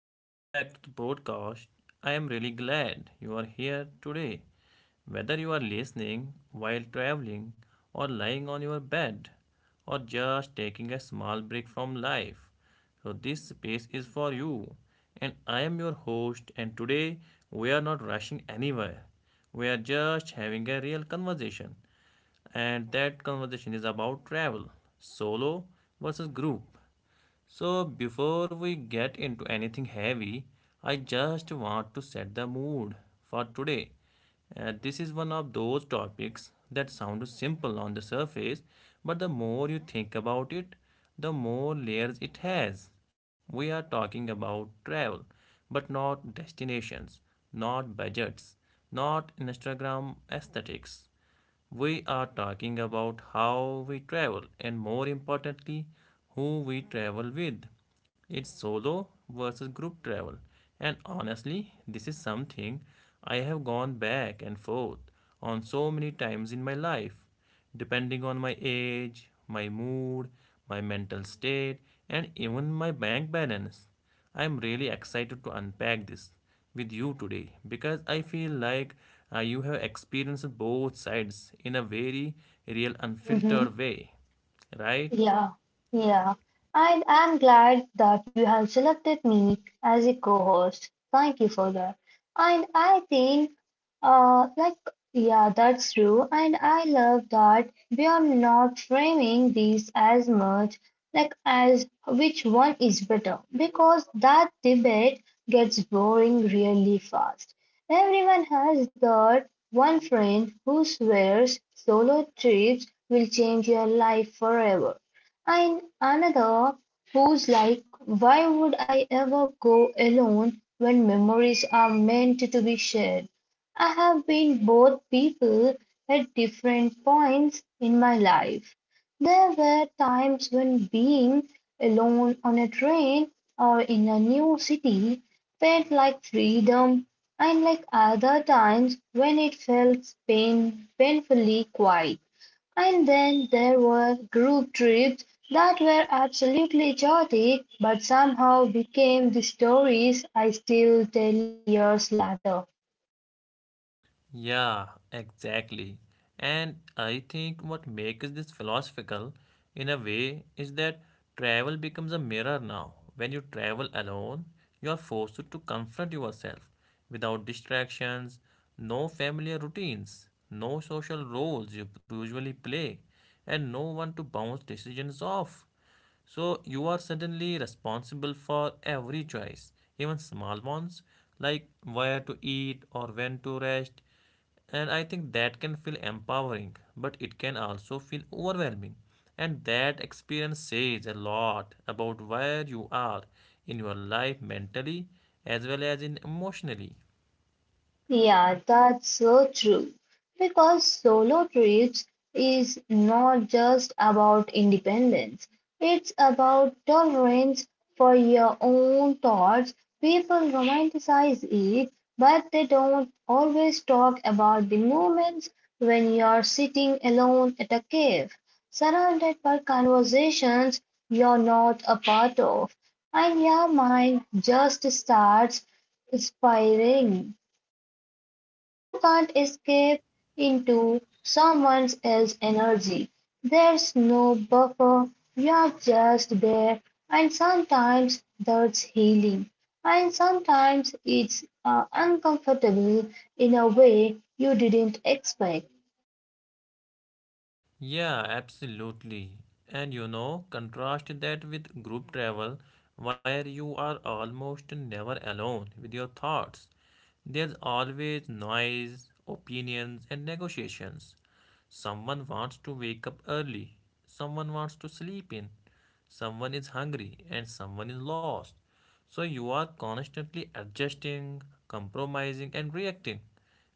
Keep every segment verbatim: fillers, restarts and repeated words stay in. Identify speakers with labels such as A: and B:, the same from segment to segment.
A: welcome back to the podcast. I am really glad you are here today. Whether you are listening while traveling, or lying on your bed, or just taking a small break from life, so this space is for you. And I am your host, and today we are not rushing anywhere. We are just having a real conversation and that conversation is about travel solo versus group so, before we get into anything heavy, I just want to set the mood for today. Uh, this is one of those topics that sound simple on the surface, but the more you think about it, the more layers it has. We are talking about travel, but not destinations, not budgets, not Instagram aesthetics. We are talking about how we travel and, more importantly, who we travel with. It's solo versus group travel. And honestly, this is something I have gone back and forth on so many times in my life depending on my age, my mood, my mental state, and even my bank balance. I am really excited to unpack this with you today because I feel like uh, you have experienced both sides in a very real, unfiltered
B: Hmm.
A: way, right?
B: Yeah, yeah. And I'm glad that you have selected me as a co-host. Thank you for that. And I think, uh, like, yeah, that's true. And I love that we are not framing these as much like as which one is better because that debate gets boring really fast. Everyone has that one friend who swears solo trips will change your life forever. And another who's like, why would I ever go alone when memories are meant to be shared? I have been both people at different points in my life. There were times when being alone on a train or in a new city felt like freedom, and like other times when it felt pain, painfully quiet. And then there were group trips that were absolutely chaotic but somehow became the stories I still tell years later.
A: Yeah, exactly. And I think what makes this philosophical in a way is that travel becomes a mirror now. When you travel alone, you are forced to confront yourself without distractions, no familiar routines, no social roles you usually play, and no one to bounce decisions off. So you are suddenly responsible for every choice, even small ones like where to eat or when to rest. And I think that can feel empowering, but it can also feel overwhelming. And that experience says a lot about where you are in your
B: Mhm.
A: life mentally as well as in emotionally.
B: Yeah, that's so true. Because solo trips is not just about independence, it's about tolerance for your own thoughts. People romanticize it, but they don't always talk about the moments when you're sitting alone at a cave, surrounded by conversations you're not a part of, and your mind just starts spiraling. You can't escape into someone else's energy. There's no buffer. You're just there. And sometimes that's healing. And sometimes it's uh, uncomfortable in a way you didn't expect.
A: Yeah, absolutely. And you know, contrast that with group travel, where you are almost never alone with your thoughts. There's always noise, opinions, and negotiations. Someone wants to wake up early, someone wants to sleep in, someone is hungry, and someone is lost. So you are constantly adjusting, compromising, and reacting.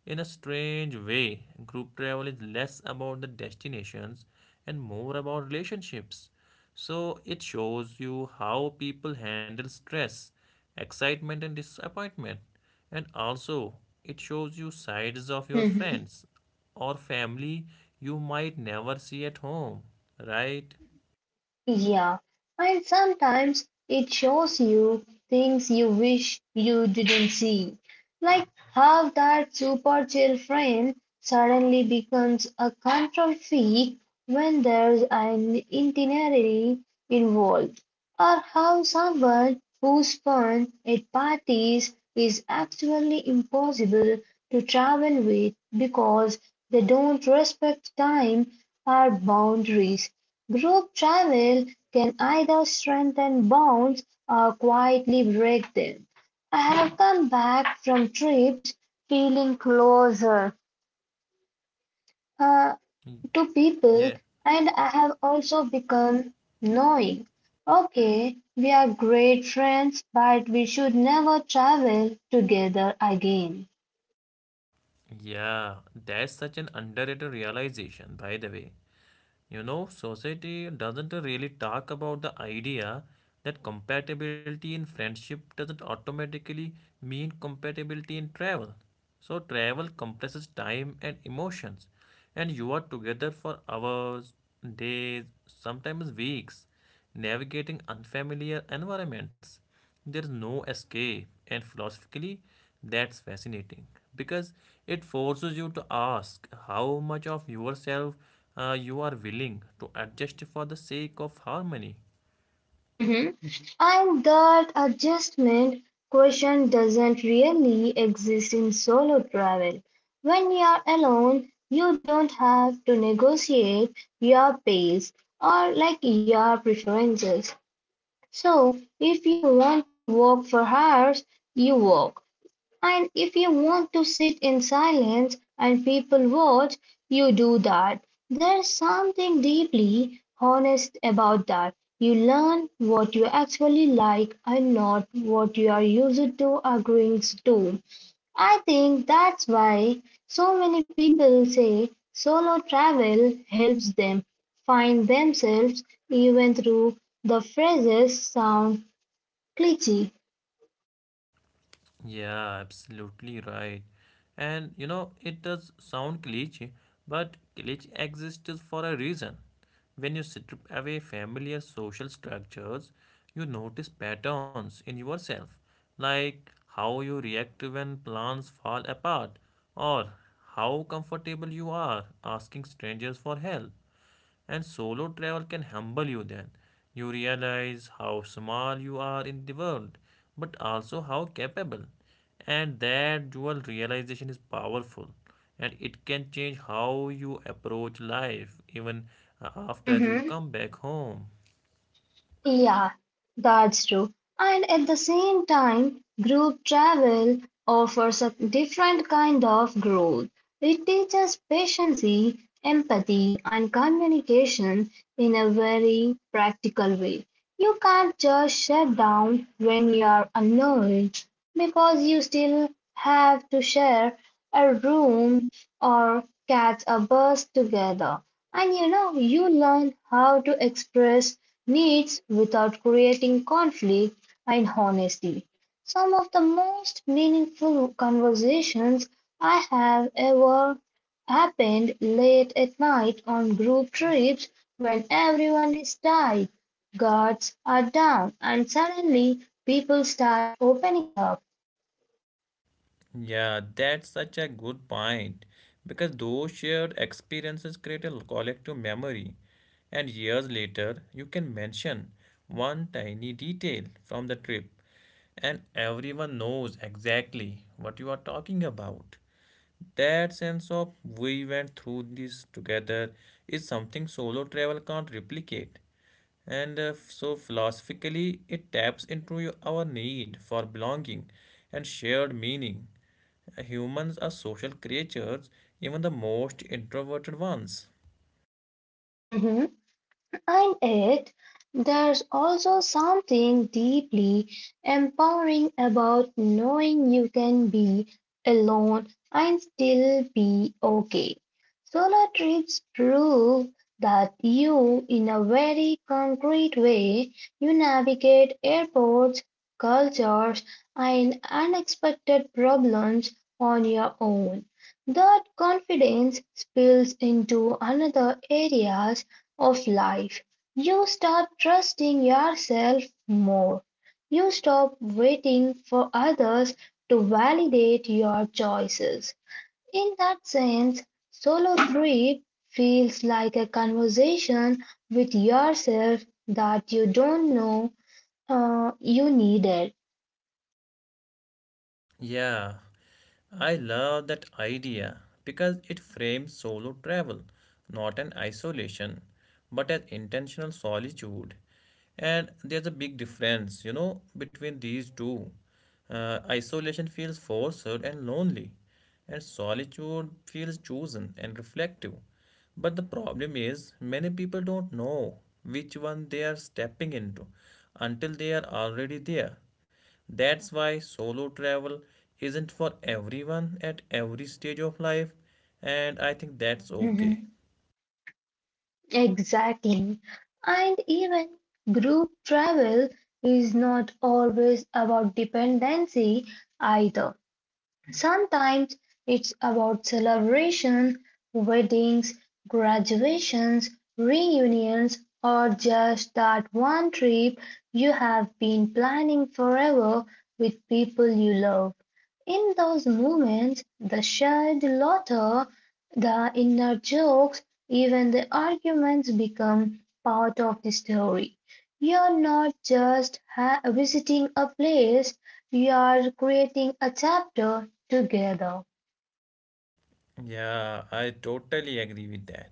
A: In a strange way, group travel is less about the destinations and more about relationships. So it shows you how people handle stress, excitement, and disappointment. And also, it shows you sides of your friends or family you might never see at home, right?
B: Yeah, and sometimes it shows you things you wish you didn't see, like how that super chill friend suddenly becomes a control freak when there's an itinerary involved, or how someone who's fun at parties is actually impossible to travel with because they don't respect time or boundaries. Group travel can either strengthen bonds or quietly break them. I have come back from trips feeling closer uh,
A: Y-
B: to people,
A: Yeah.
B: and I have also become knowing. Okay, we are great friends, but we should never travel together again.
A: Yeah, that's such an underrated realization, by the way. You know, society doesn't really talk about the idea that compatibility in friendship doesn't automatically mean compatibility in travel. So, travel compresses time and emotions, and you are together for hours, days, sometimes weeks, navigating unfamiliar environments. There's no escape, and philosophically, that's fascinating because it forces you to ask how much of yourself uh, you are willing to adjust for the sake of harmony.
B: Mhm. And that adjustment question doesn't really exist in solo travel. When you are alone, you don't have to negotiate your pace or like your preferences. So, if you want to walk for hours, you walk. And if you want to sit in silence and people watch, you do that. There's something deeply honest about that. You learn what you actually like and not what you are used to agreeing to. I think that's why so many people say solo travel helps them find themselves even through the phrases sound cliche.
A: Yeah, absolutely right. And you know, it does sound cliche, but cliche exists for a reason. When you strip away familiar social structures, you notice patterns in yourself, like how you react when plans fall apart, or how comfortable you are asking strangers for help. And solo travel can humble you then. You realize how small you are in the world, but also how capable. And that dual realization is powerful and it can change how you approach life even uh, after you come back home.
B: Yeah, that's true. And at the same time, group travel offers a different kind of growth. It teaches patience, empathy, and communication in a very practical way. You can't just shut down when you are annoyed because you still have to share a room or catch a bus together. And you know, you learn how to express needs without creating conflict and honesty. Some of the most meaningful conversations I have ever happened late at night on group trips when everyone is tired, guards are down, and suddenly people start opening up.
A: Yeah, that's such a good point because those shared experiences create a collective memory, and years later, you can mention one tiny detail from the trip, and everyone knows exactly what you are talking about. That sense of we went through this together is something solo travel can't replicate. And uh, so philosophically, it taps into your- our need for belonging and shared meaning. Humans are social creatures, even the most introverted ones.
B: Mhm. in it, there's also something deeply empowering about knowing you can be alone and still be okay. Solo trips prove that you, in a very concrete way, you navigate airports, cultures, and unexpected problems on your own. That confidence spills into another areas of life. You start trusting yourself more. You stop waiting for others to validate your choices. In that sense, solo trip feels like a conversation with yourself that you don't know uh, you needed.
A: Yeah, I love that idea because it frames solo travel not an isolation but as intentional solitude. And there's a big difference, you know, between these two. Uh, isolation feels forced and lonely, and solitude feels chosen and reflective. But the problem is, many people don't know which one they are stepping into until they are already there. That's why solo travel isn't for everyone at every stage of life, and I think that's okay.
B: Mhm. Exactly. And even group travel is not always about dependency either. Sometimes it's about celebration, weddings, graduations, reunions, or just that one trip you have been planning forever with people you love. In those moments, the shared laughter, the inner jokes, even the arguments become part of the story. You're not just ha- visiting a place, we are creating a chapter together.
A: Yeah, I totally agree with that.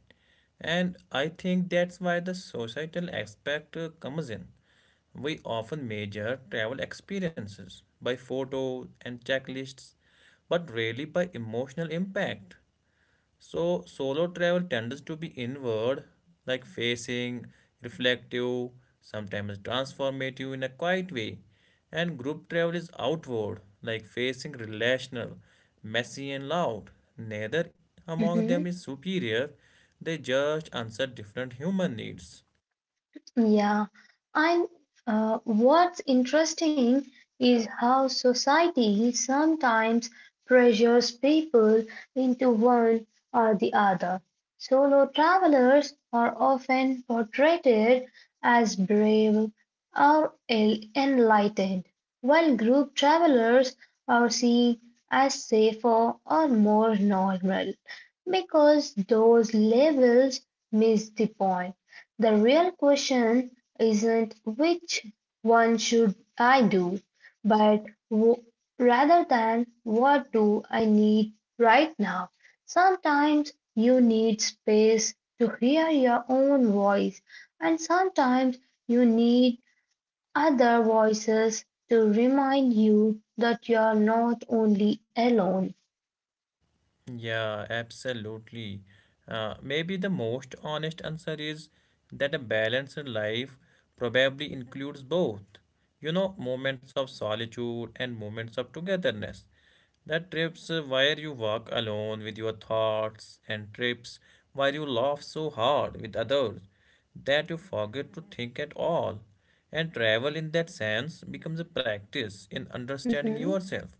A: And I think that's why the societal aspect uh, comes in. We often measure travel experiences by photos and checklists, but rarely by emotional impact. So, solo travel tends to be inward, like facing, reflective, sometimes transformative in a quiet way. And group travel is outward, like facing, relational, messy, and loud. Neither among them is superior, they just answer different human needs.
B: Yeah, and uh, what's interesting is how society sometimes pressures people into one or the other. Solo travelers are often portrayed as brave or el- enlightened, while group travelers are seen as safer or more normal because those labels miss the point. The real question isn't which one should I do, but w- rather than what do I need right now. Sometimes you need space to hear your own voice, and sometimes you need other voices to remind you that you're not only alone.
A: Yeah, absolutely. Uh, maybe the most honest answer is that a balanced life probably includes both. You know, moments of solitude and moments of togetherness. The trips uh, where you walk alone with your thoughts, and trips where you laugh so hard with others that you forget to think at all. And travel, in that sense, becomes a practice in understanding
B: Mhm.
A: yourself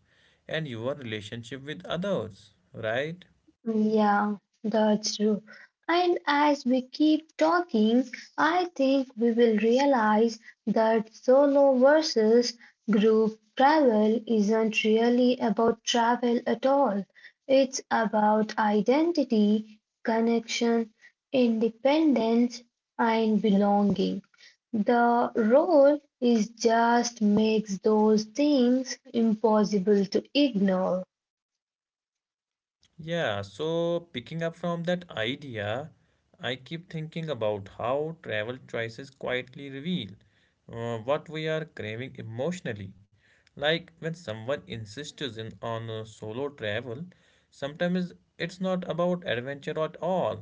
A: and your relationship with others, right?
B: Yeah, that's true. And as we keep talking, I think we will realize that solo versus group travel isn't really about travel at all. It's about identity, connection, independence, and belonging. The role is just makes those things impossible to ignore.
A: Yeah, so picking up from that idea, I keep thinking about how travel choices quietly reveal uh, what we are craving emotionally. Like when someone insists in on uh, solo travel, sometimes it's not about adventure at all.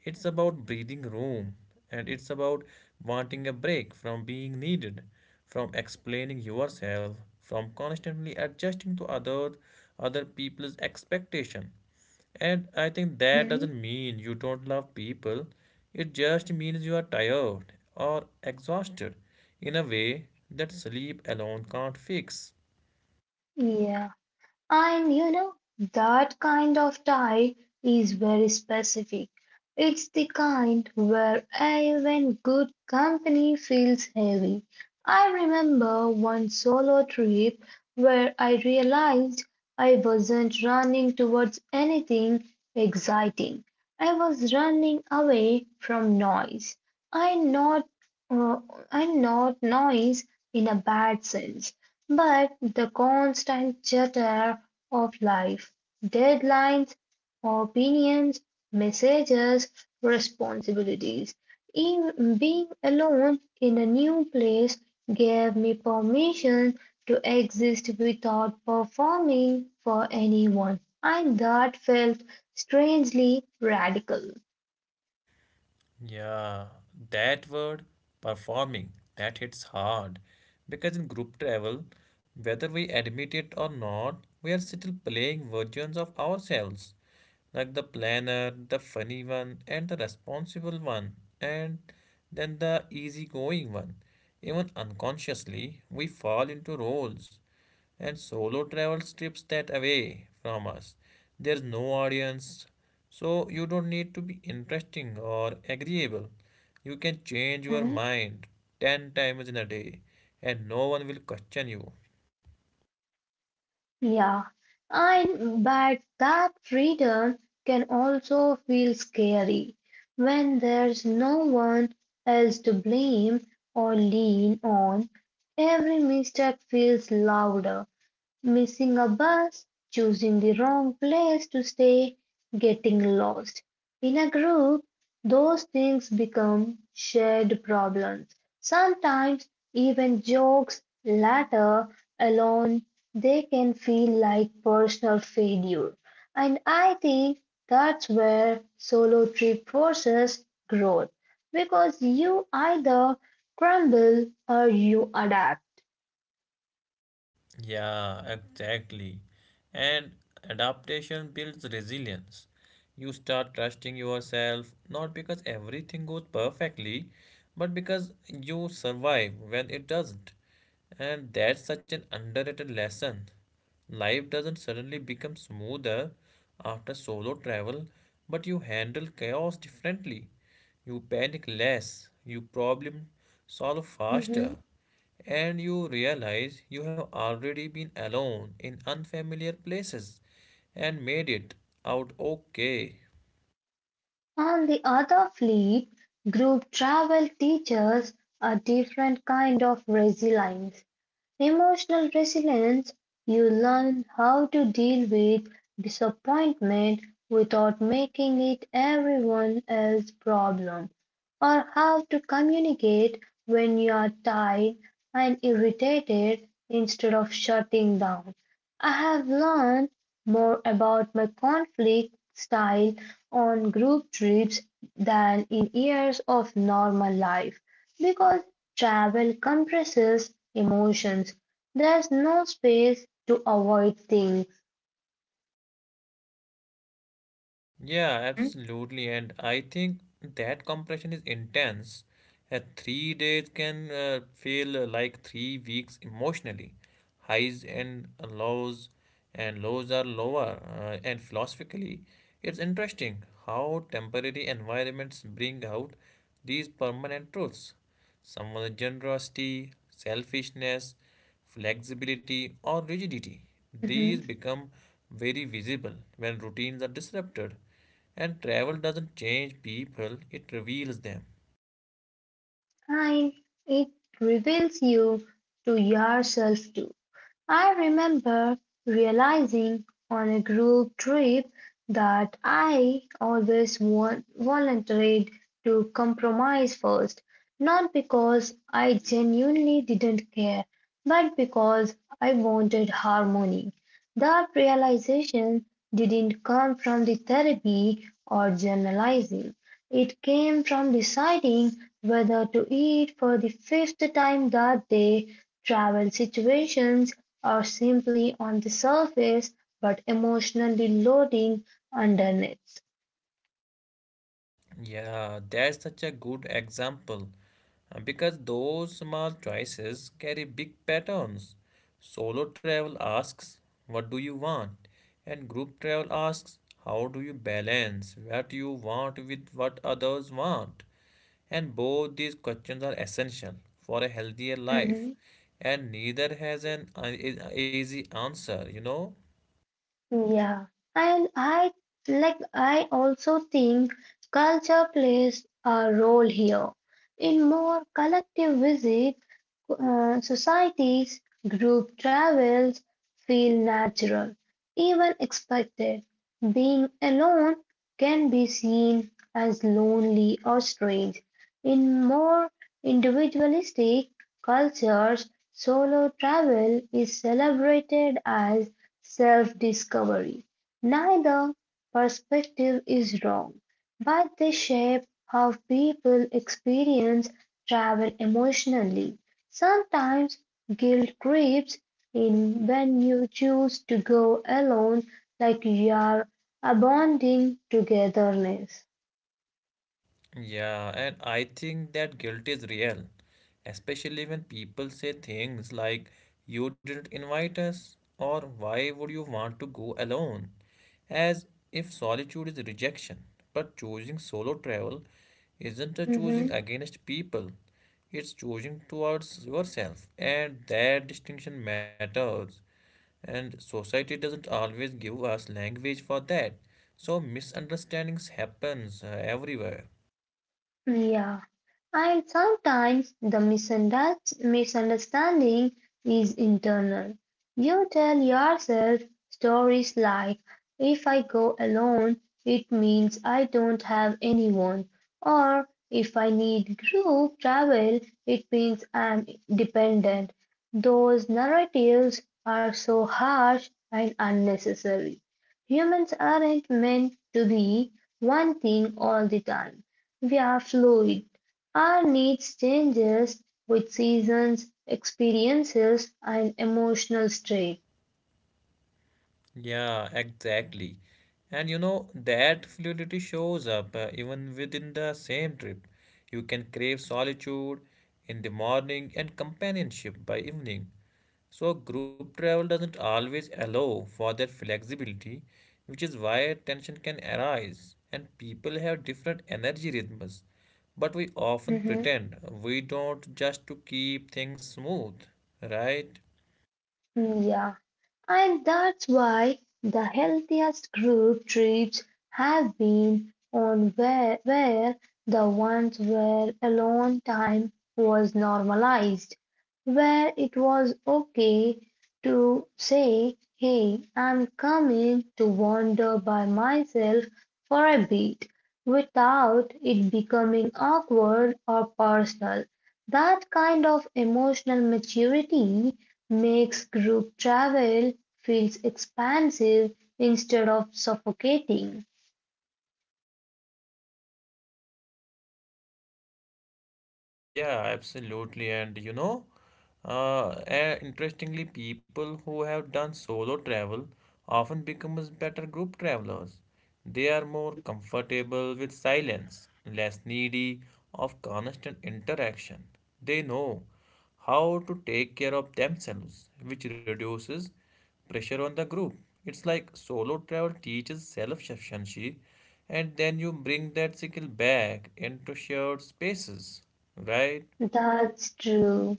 A: It's about breathing room, and it's about wanting a break from being needed, from explaining yourself, from constantly adjusting to other other people's expectation. And I think that
B: Mhm.
A: doesn't mean you don't love people. It just means you are tired or exhausted in a way that sleep alone can't fix.
B: Yeah. And you know, that kind of tie is very specific. It's the kind where even good company feels heavy. I remember one solo trip where I realized I wasn't running towards anything exciting. I was running away from noise. I not uh, I not noise in a bad sense. But the constant chatter of life, deadlines, opinions, messages, responsibilities, even being alone in a new place gave me permission to exist without performing for anyone. And that felt strangely radical.
A: Yeah, that word performing, that hits hard. Because in group travel, whether we admit it or not, we are still playing versions of ourselves. Like the planner, the funny one, and the responsible one, and then the easygoing one. Even unconsciously, we fall into roles. And solo travel strips that away from us. There's no audience, so you don't need to be interesting or agreeable. You can change your mind ten times in a day, and no one will question you.
B: Yeah, and but that freedom can also feel scary when there's no one else to blame or lean on. Every mistake feels louder missing a bus, choosing the wrong place to stay, getting lost. In a group, those things become shared problems. Sometimes, even jokes later alone, they can feel like personal failure. And I think that's where solo trip forces growth because you either crumble or you adapt.
A: Yeah, exactly. And adaptation builds resilience. You start trusting yourself not because everything goes perfectly, but because you survive when it doesn't. And that's such an underrated lesson. Life doesn't suddenly become smoother after solo travel, but you handle chaos differently. You panic less, you problem solve
B: Mm-hmm.
A: faster, and you realize you have already been alone in unfamiliar places and made it out okay.
B: On the other fleet, group travel teaches a different kind of resilience. Emotional resilience you learn how to deal with disappointment without making it everyone else's problem, or how to communicate when you are tired and irritated instead of shutting down. I have learned more about my conflict style on group trips than in years of normal life because travel compresses emotions. There's no space to avoid things.
A: Yeah,
B: Mhm,
A: absolutely. And I think that compression is intense. Uh, three days can uh, feel uh, like three weeks emotionally. Highs and lows, and lows are lower. Uh, and philosophically, it's interesting how temporary environments bring out these permanent truths. Someone's generosity, selfishness, flexibility, or rigidity.
B: mhm.
A: These become very visible when routines are disrupted. And travel doesn't change people, it reveals them.
B: And it reveals you to yourself too. I remember realizing on a group trip that I always want, volunteered to compromise first, not because I genuinely didn't care, but because I wanted harmony. That realization didn't come from the therapy or journalizing. It came from deciding whether to eat for the fifth time that day, travel situations are simply on the surface but emotionally loading underneath.
A: Yeah, that's such a good example uh, because those small choices carry big patterns. Solo travel asks, What do you want? And group travel asks, How do you balance what you want with what others want? And both these questions are essential for a healthier life,
B: Mm-hmm.
A: and neither has an uh, e- easy answer, you know.
B: Yeah, and I like I also think culture plays a role here. In more collective visit, uh, societies, group travels feel natural, even expected. Being alone can be seen as lonely or strange. In more individualistic cultures, solo travel is celebrated as self discovery. Neither perspective is wrong, but they shape how people experience travel emotionally. Sometimes guilt creeps in when you choose to go alone, like you are abandoning togetherness.
A: Yeah, and I think that guilt is real, especially when people say things like, You didn't invite us, or Why would you want to go alone? As if solitude is rejection. But choosing solo travel isn't a choosing
B: Mm-hmm.
A: against people, it's choosing towards yourself, and that distinction matters. And society doesn't always give us language for that, so misunderstandings happens uh, everywhere.
B: Yeah, and sometimes the misunderst- misunderstanding is internal. You tell yourself stories like, if I go alone, it means I don't have anyone, or if I need group travel, it means I'm dependent. Those narratives are so harsh and unnecessary. Humans aren't meant to be one thing all the time. We are fluid. Our needs changes with seasons, experiences, and emotional state.
A: Yeah, exactly. And you know, that fluidity shows up uh, even within the same trip. You can crave solitude in the morning and companionship by evening. So, group travel doesn't always allow for that flexibility, which is why tension can arise and people have different energy rhythms. But we often
B: Mhm.
A: pretend we don't just to keep things smooth, right?
B: Yeah. And that's why the healthiest group trips have been on where, where the ones where alone time was normalized, where it was okay to say, hey, I'm coming to wander by myself for a bit without it becoming awkward or personal. That kind of emotional maturity makes group travel feels expansive instead of suffocating.
A: Yeah,
B: Mhm.
A: absolutely. And you know, uh, eh, interestingly, people who have done solo travel often becomes better group travelers. They are more comfortable with silence, less needy of constant interaction. They know how to take care of themselves, which reduces pressure on the group. It's like solo travel teaches self sufficiency, and then you bring that skill back into shared spaces, right?
B: That's true.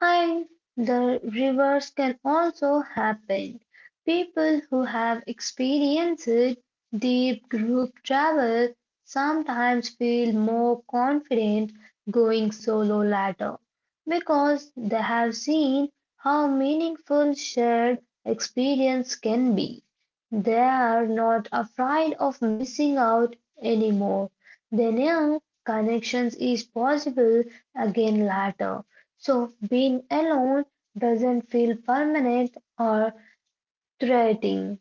B: And the reverse can also happen. People who have experienced deep group travel sometimes feel more confident going solo later because they have seen how meaningful shared experience can be. They are not afraid of missing out anymore. They know connections is possible again later. So being alone doesn't feel permanent or threatening.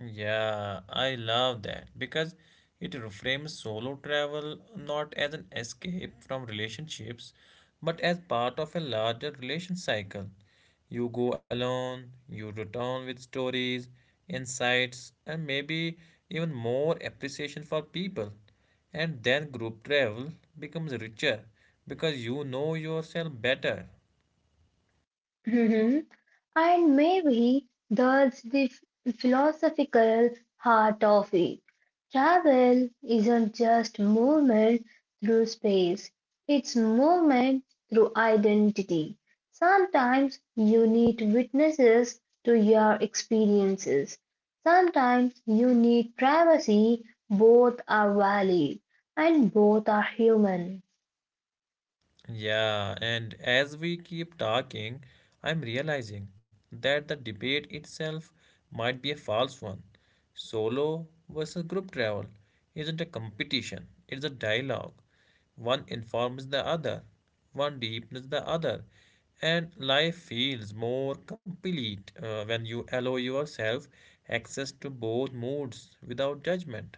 A: Yeah, I love that because it reframes solo travel not as an escape from relationships, but as part of a larger relation cycle. You go alone, you return with stories, insights, and maybe even more appreciation for people. And then group travel becomes richer because you know yourself better.
B: And maybe that's the f- philosophical heart of it. Travel isn't just movement through space, it's movement through identity. Sometimes you need witnesses to your experiences. Sometimes you need privacy. Both are valid and both are human.
A: Yeah, and as we keep talking, I'm realizing that the debate itself might be a false one. Solo versus group travel isn't a competition, it's a dialogue. One informs the other, one deepens the other, and life feels more complete uh, when you allow yourself access to both moods without judgment.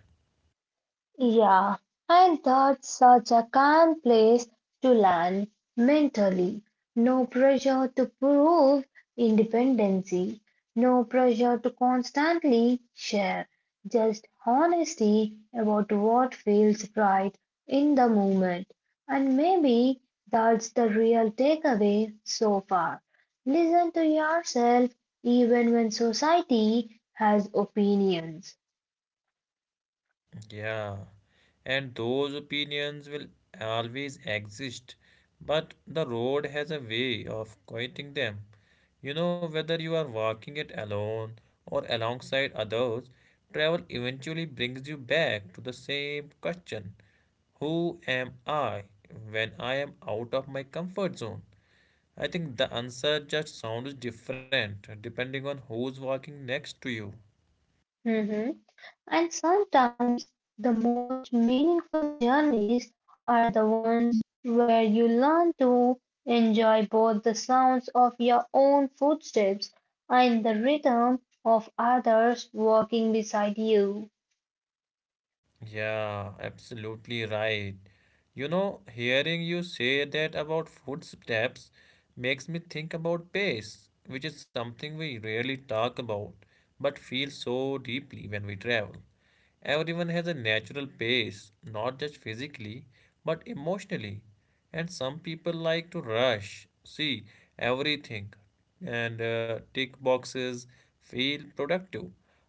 B: Yeah, and that's such a calm place to land mentally. No pressure to prove independency, no pressure to constantly share, just honesty about what feels right in the moment. And maybe that's the real takeaway so far. Listen to yourself even when society has opinions.
A: Yeah, and those opinions will always exist, but the road has a way of quieting them. You know, whether you are walking it alone or alongside others, travel eventually brings you back to the same question. Who am I when I am out of my comfort zone? I think the answer just sounds different depending on who's walking next to you.
B: Mhm. And sometimes the most meaningful journeys are the ones where you learn to enjoy both the sounds of your own footsteps and the rhythm of others walking beside you.
A: Yeah, absolutely right. You know, hearing you say that about footsteps makes me think about pace, which is something we rarely talk about, but feel so deeply when we travel. Everyone has a natural pace, not just physically, but emotionally. And some people like to rush, see everything, and uh, tick boxes, feel productive.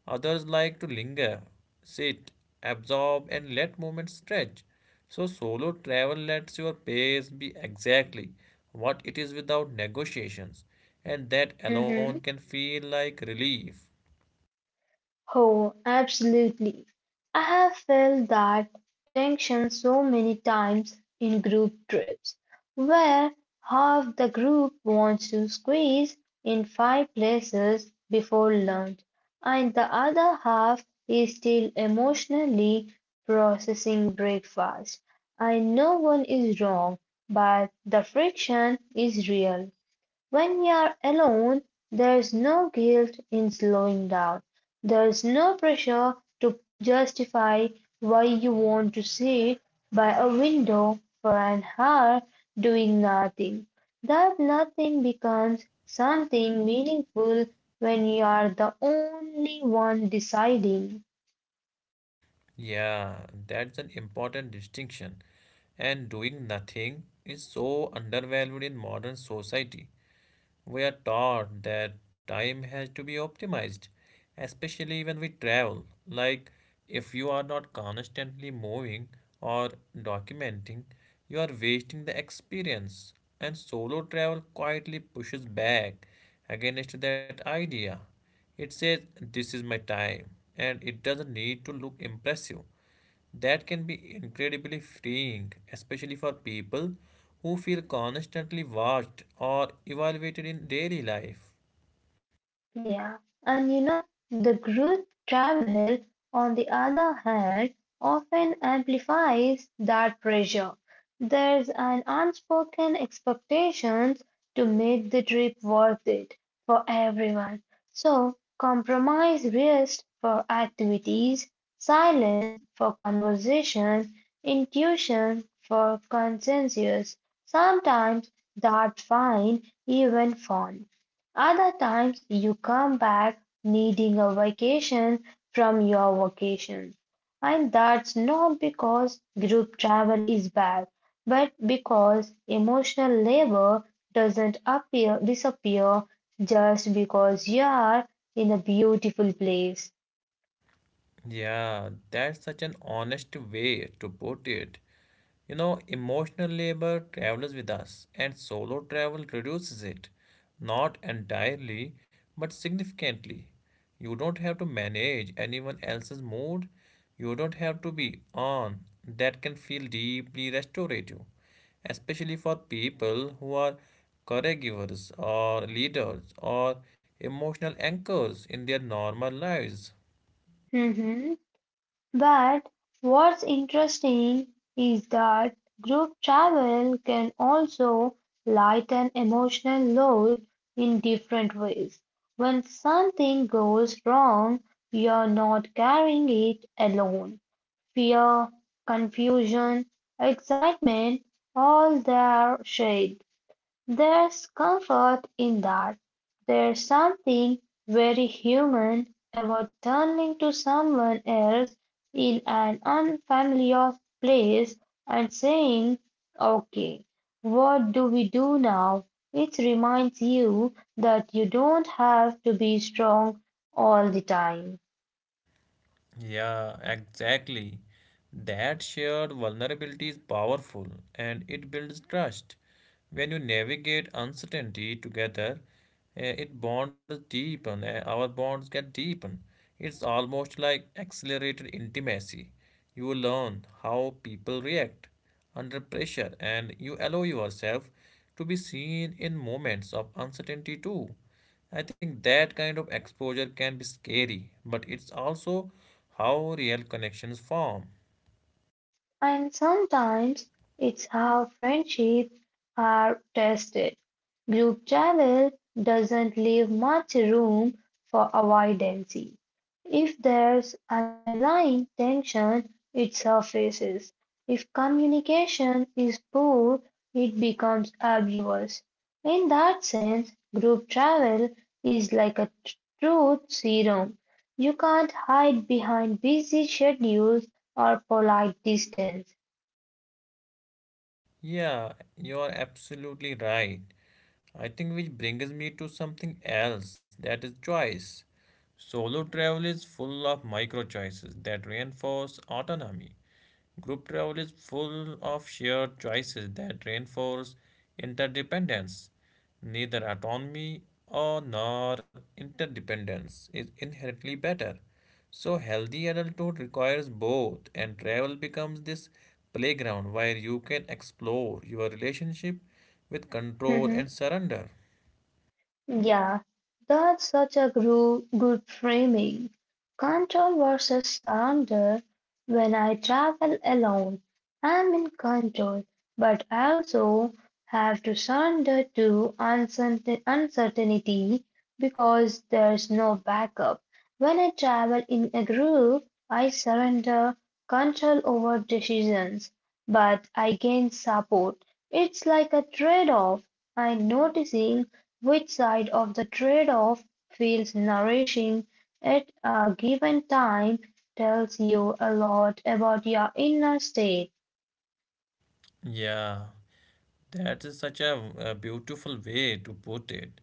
A: Others like to linger, sit, absorb, and let moments stretch. So, solo travel lets your pace be exactly what it is without negotiations, and that alone
B: Mhm.
A: can feel like relief.
B: Oh, absolutely. I have felt that tension so many times in group trips, where half the group wants to squeeze in five places before lunch, and the other half is still emotionally processing breakfast. And no one is wrong, but the friction is real. When you're alone, there's no guilt in slowing down. There's no pressure to justify why you want to sit by a window for an hour doing nothing. That nothing becomes something meaningful when you are the only one deciding.
A: Yeah, that's an important distinction. And doing nothing is so undervalued in modern society. We are taught that time has to be optimized, especially when we travel. Like, if you are not constantly moving or documenting, you are wasting the experience. And solo travel quietly pushes back against that idea. It says, this is my time, and it doesn't need to look impressive. That can be incredibly freeing, especially for people who feel constantly
B: Mhm.
A: watched or evaluated in daily life.
B: Yeah, and you know, the group travel, on the other hand, often amplifies that pressure. There's an unspoken expectation to make the trip worth it for everyone. So, compromise rest for activities, silence for conversation, intuition for consensus. Sometimes that's fine, even fun. Other times you come back needing a vacation from your vacation. And that's not because group travel is bad, but because emotional labor doesn't appear disappear just because you are in a beautiful place.
A: Yeah, that's such an honest way to put it. You know, emotional labor travels with us, and solo travel reduces it. Not entirely, but significantly. You don't have to manage anyone else's mood. You don't have to be on. That can feel deeply restorative, especially for people who are caregivers or leaders or emotional anchors in their normal lives.
B: Mhm. But what's interesting is that group travel can also lighten emotional load in different ways. When something goes wrong, you're not carrying it alone. Fear, confusion, excitement, all they are shared. There's comfort in that, there's something very human about turning to someone else in an unfamiliar place and saying, okay, what do we do now? It reminds you that you don't have to be strong all the time.
A: Yeah, exactly. That shared vulnerability is powerful and it builds trust. When you navigate uncertainty together, eh, it bonds deepen, eh, our bonds get deepen. It's almost like accelerated intimacy. You learn how people react under pressure and you allow yourself to be seen in moments of uncertainty too. I think that kind of exposure can be scary, but it's also how real connections form.
B: And sometimes it's how friendships are tested. Group travel doesn't leave much room for avoidance. If there's underlying tension, it surfaces. If communication is poor, it becomes obvious. In that sense, group travel is like a tr- truth serum. You can't hide behind busy schedules or polite distance.
A: Yeah, you are absolutely right. I think which brings me to something else that is choice. Solo travel is full of micro choices that reinforce autonomy. Group travel is full of shared choices that reinforce interdependence. Neither autonomy or nor interdependence is inherently better. So healthy adulthood requires both and travel becomes this playground where you can explore your relationship with control and
B: Mhm.
A: surrender.
B: Yeah, that's such a gru- good framing. Control versus surrender. When I travel alone, I'm in control, but I also have to surrender to uncertain- uncertainty because there's no backup. When I travel in a group, I surrender control over decisions, but I gain support. It's like a trade-off. I'm noticing which side of the trade-off feels nourishing at a given time tells you a lot about your inner state.
A: Yeah, that is such a, a beautiful way to put it.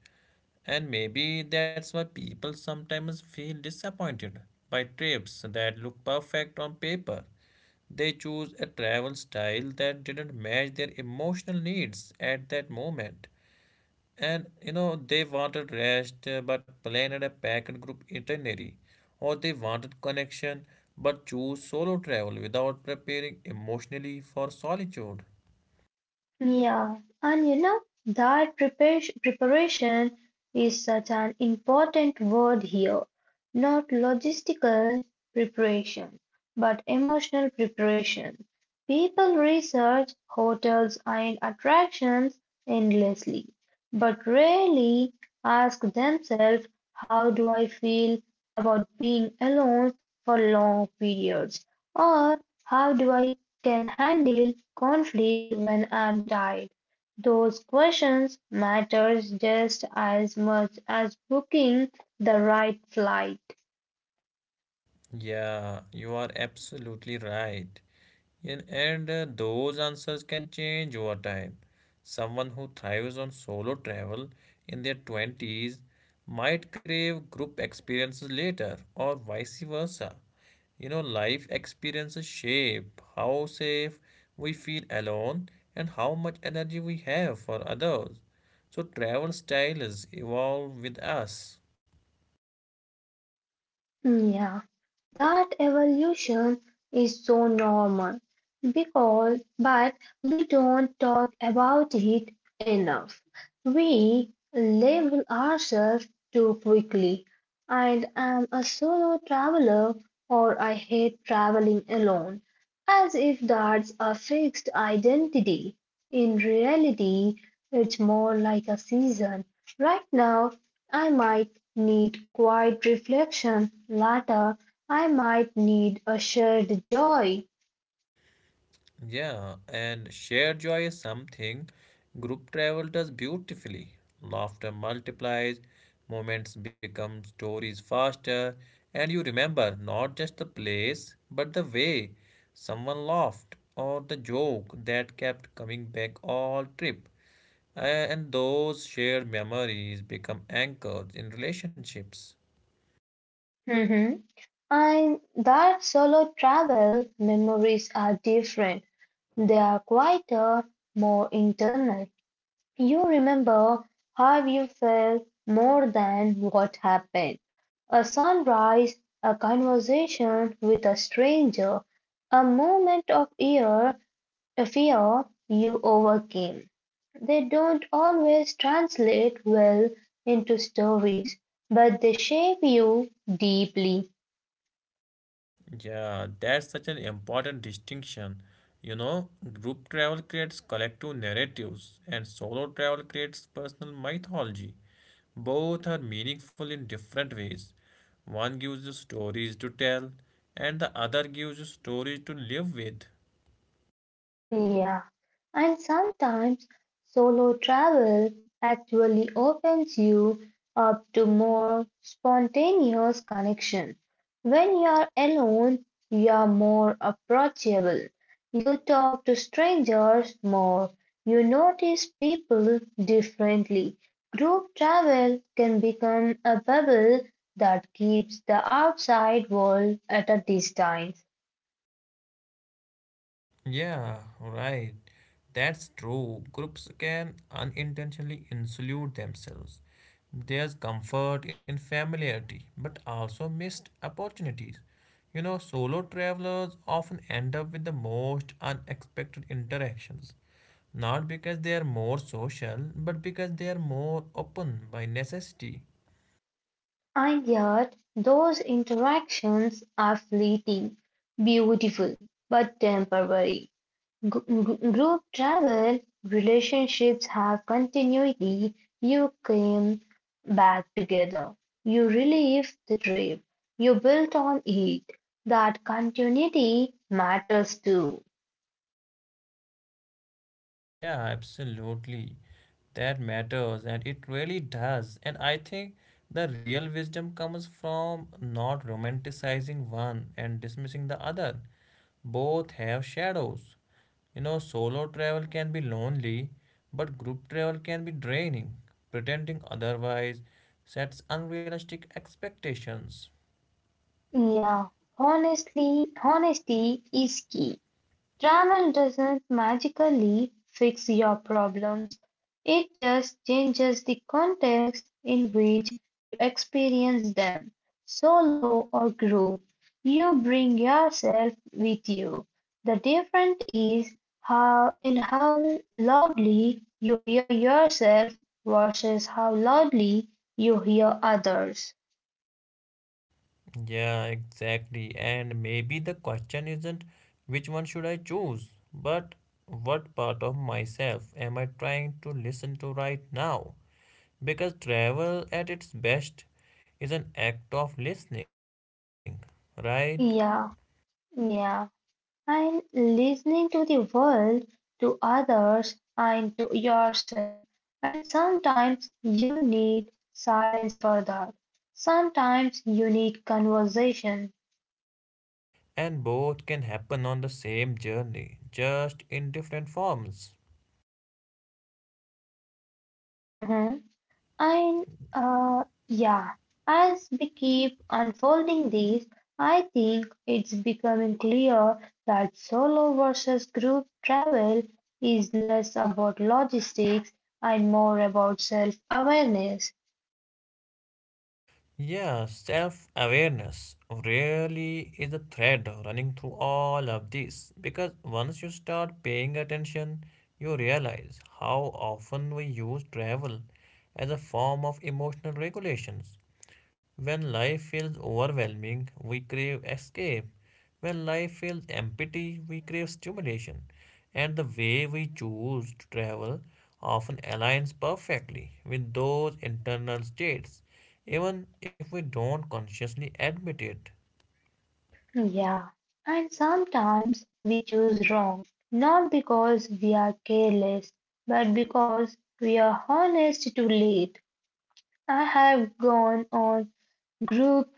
A: And maybe that's why people sometimes feel disappointed by trips that look perfect on paper. They choose a travel style that didn't match their emotional needs at that moment. And you know, they wanted rest uh, but planned a packed group itinerary. Or they wanted connection but chose solo travel without preparing emotionally for solitude.
B: Yeah, and you know that preparation, preparation is such an important word here. Not logistical preparation, but emotional preparation. People research hotels and attractions endlessly, but rarely ask themselves, how do I feel about being alone for long periods? Or how do I can handle conflict when I'm tired? Those questions matter just as much as booking the right flight.
A: Yeah, you are absolutely right. And, and uh, those answers can change over time. Someone who thrives on solo travel in their twenties might crave group experiences later, or vice versa. You know, life experiences shape how safe we feel alone and how much energy we have for others. So, travel styles evolve with us.
B: Yeah, that evolution is so normal because, but we don't talk about it enough. We label ourselves too quickly. And I'm a solo traveler or I hate traveling alone, as if that's a fixed identity. In reality, it's more like a season. Right now, I might need quiet reflection. Later, I might need a shared joy.
A: Yeah, and shared joy is something group travel does beautifully. Laughter multiplies, moments become stories faster, and you remember not just the place, but the way someone laughed or the joke that kept coming back all trip. And those shared memories become anchors in relationships.
B: Mhm. And that solo travel memories are different. They are quieter, more internal. You remember how you felt more than what happened. A sunrise, a conversation with a stranger, a moment of air, a fear you overcame. They don't always translate well into stories, but they shape you deeply.
A: Yeah, that's such an important distinction. You know, group travel creates collective narratives and solo travel creates personal mythology. Both are meaningful in different ways. One gives you stories to tell, and the other gives you stories to live with.
B: Yeah, and sometimes solo travel actually opens you up to more spontaneous connection. When you're alone, you're more approachable. You talk to strangers more. You notice people differently. Group travel can become a bubble that keeps the outside world at a distance.
A: Yeah, right. That's true. Groups can unintentionally insulate themselves. There's comfort in familiarity, but also missed opportunities. You know, solo travelers often end up with the most unexpected interactions, not because they are more social, but because they are more open by necessity.
B: And yet, those interactions are fleeting, beautiful, but temporary. Gr- gr- group travel relationships have continuity. You came back together. You relive the trip. You built on it. That continuity matters too.
A: Yeah, absolutely. That matters, and it really does. And I think the real wisdom comes from not romanticizing one and dismissing the other. Both have shadows. You know, solo travel can be lonely, but group travel can be draining. Pretending otherwise sets unrealistic expectations.
B: Yeah, honestly, honesty is key. Travel doesn't magically fix your problems, it just changes the context in which you experience them, solo or group. You bring yourself with you. The difference is how in how loudly you hear yourself versus how loudly you hear others.
A: Yeah, exactly. And maybe the question isn't which one should I choose, but what part of myself am I trying to listen to right now? Because travel at its best is an act of listening, right?
B: Yeah, yeah, and listening to the world, to others, and to yourself. And sometimes you need silence for that. Sometimes you need conversation.
A: And both can happen on the same journey, just in different forms.
B: Mhm. And uh, yeah, as we keep unfolding these, I think it's becoming clear that solo versus group travel is less about logistics and more about self awareness.
A: Yeah, self awareness really is a thread running through all of this because once you start paying attention, you realize how often we use travel as a form of emotional regulations when life feels overwhelming, we crave escape. When life feels empty, we crave stimulation. And the way we choose to travel often aligns perfectly with those internal states, even if we don't consciously admit it.
B: Yeah, and sometimes we choose wrong, not because we are careless, but because we are honest too late. I have gone on group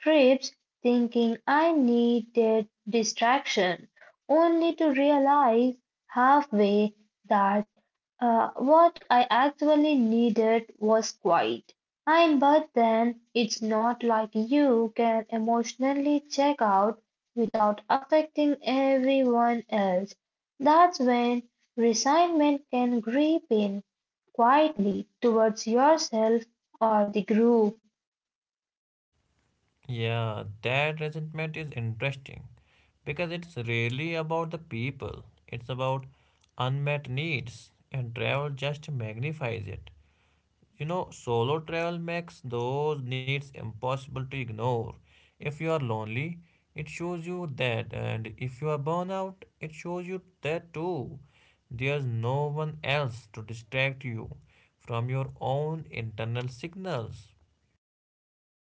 B: trips thinking I needed distraction, only to realize halfway that uh, what I actually needed was quiet. And but then it's not like you can emotionally check out without affecting everyone else. That's when resignment can creep in quietly towards yourself or the group.
A: Yeah, that resentment is interesting because it's really about the people, it's about unmet needs, and travel just magnifies it. You know, solo travel makes those needs impossible to ignore. If you are lonely, it shows you that, and if you are burnt out, it shows you that too. There's no one else to distract you from your own internal signals.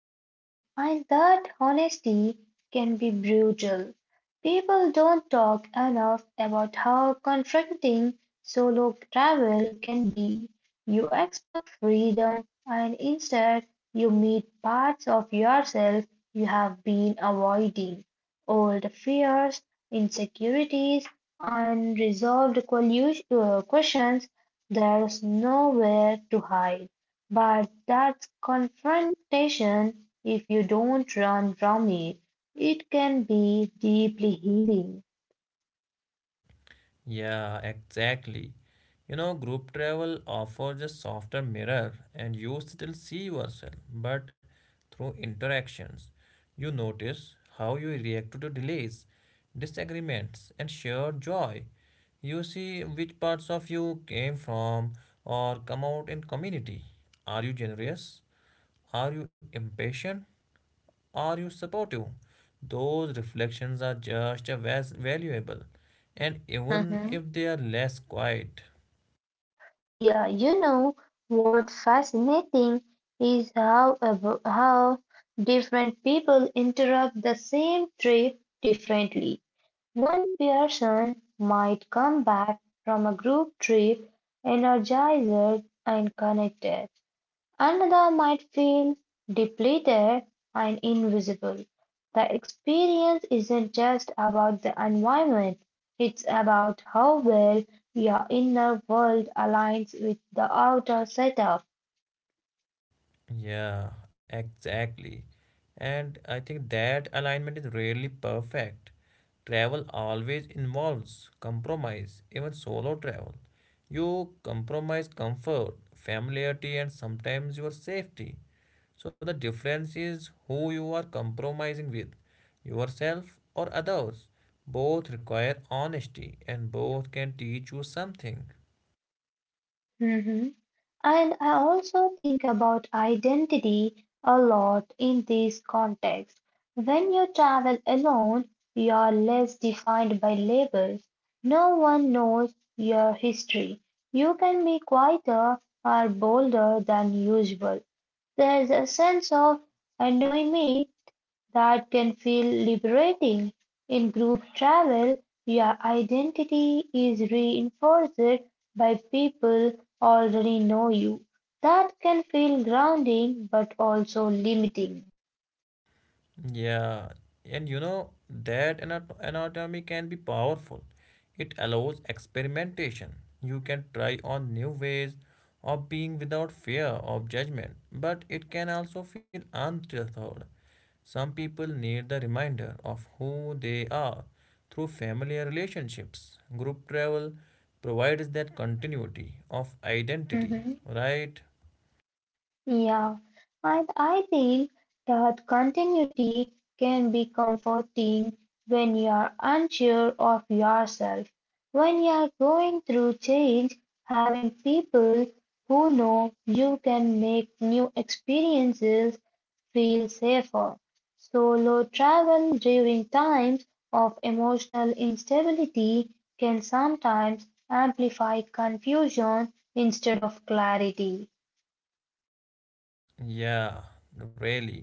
B: Yeah, and that honesty can be brutal. People don't talk enough about how confronting solo travel can be. You expect freedom, and instead, you meet parts of yourself you have been avoiding. Old fears, insecurities, unresolved collu- uh, questions, there's nowhere to hide. But that's confrontation, if you don't run from it, it can be deeply healing.
A: Yeah, exactly. You know, group travel offers a softer mirror and you still see yourself, but through interactions, you notice how you react to delays, disagreements, and shared joy. You see which parts of you came from or come out in community. Are you generous? Are you impatient? Are you supportive? Those reflections are just as valuable, and even
B: Mhm.
A: if they are less quiet.
B: Yeah, you know what fascinating is how abo- how different people interrupt the same trip differently. One person might come back from a group trip energized and connected, another might feel depleted and invisible. The experience isn't just about the environment, it's about how well your inner world aligns with the outer setup.
A: Yeah, exactly. And I think that alignment is rarely perfect. Travel always involves compromise, even solo travel. You compromise comfort, familiarity, and sometimes your safety. So the difference is who you are compromising with, yourself or others. Both require honesty, and both can teach you something.
B: Mhm. And I also think about identity a lot in this context. When you travel alone, you are less defined by labels. No one knows your history. You can be quieter or bolder than usual. There is a sense of anonymity that can feel liberating. In group travel, your identity is reinforced by people already know you. That can feel grounding but also limiting.
A: Yeah, and you know that anat- anatomy can be powerful. It allows experimentation. You can try on new ways of being without fear of judgment, but it can also feel untethered. Some people need the reminder of who they are through familiar relationships. Group travel provides that continuity of identity, right?
B: Yeah, and I think that continuity can be comforting when you are unsure of yourself. When you are going through change, having people who know you can make new experiences feel safer. Solo travel during times of emotional instability can sometimes amplify confusion instead of clarity.
A: Yeah, really.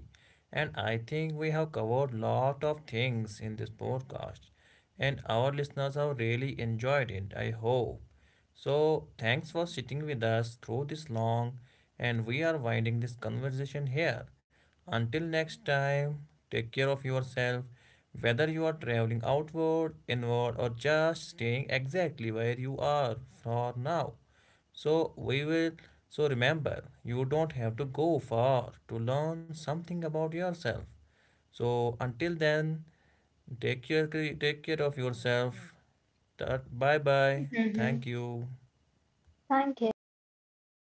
A: And I think we have covered lot of things in this podcast and our listeners have really enjoyed it, I hope. So, thanks for sitting with us through this long and we are winding this conversation here. Until next time, take care of yourself whether you are traveling outward, inward or just staying exactly where you are for now. So we will so remember you don't have to go far to learn something about yourself. So until then take care take care of yourself. Bye bye. Thank you.
B: Thank you.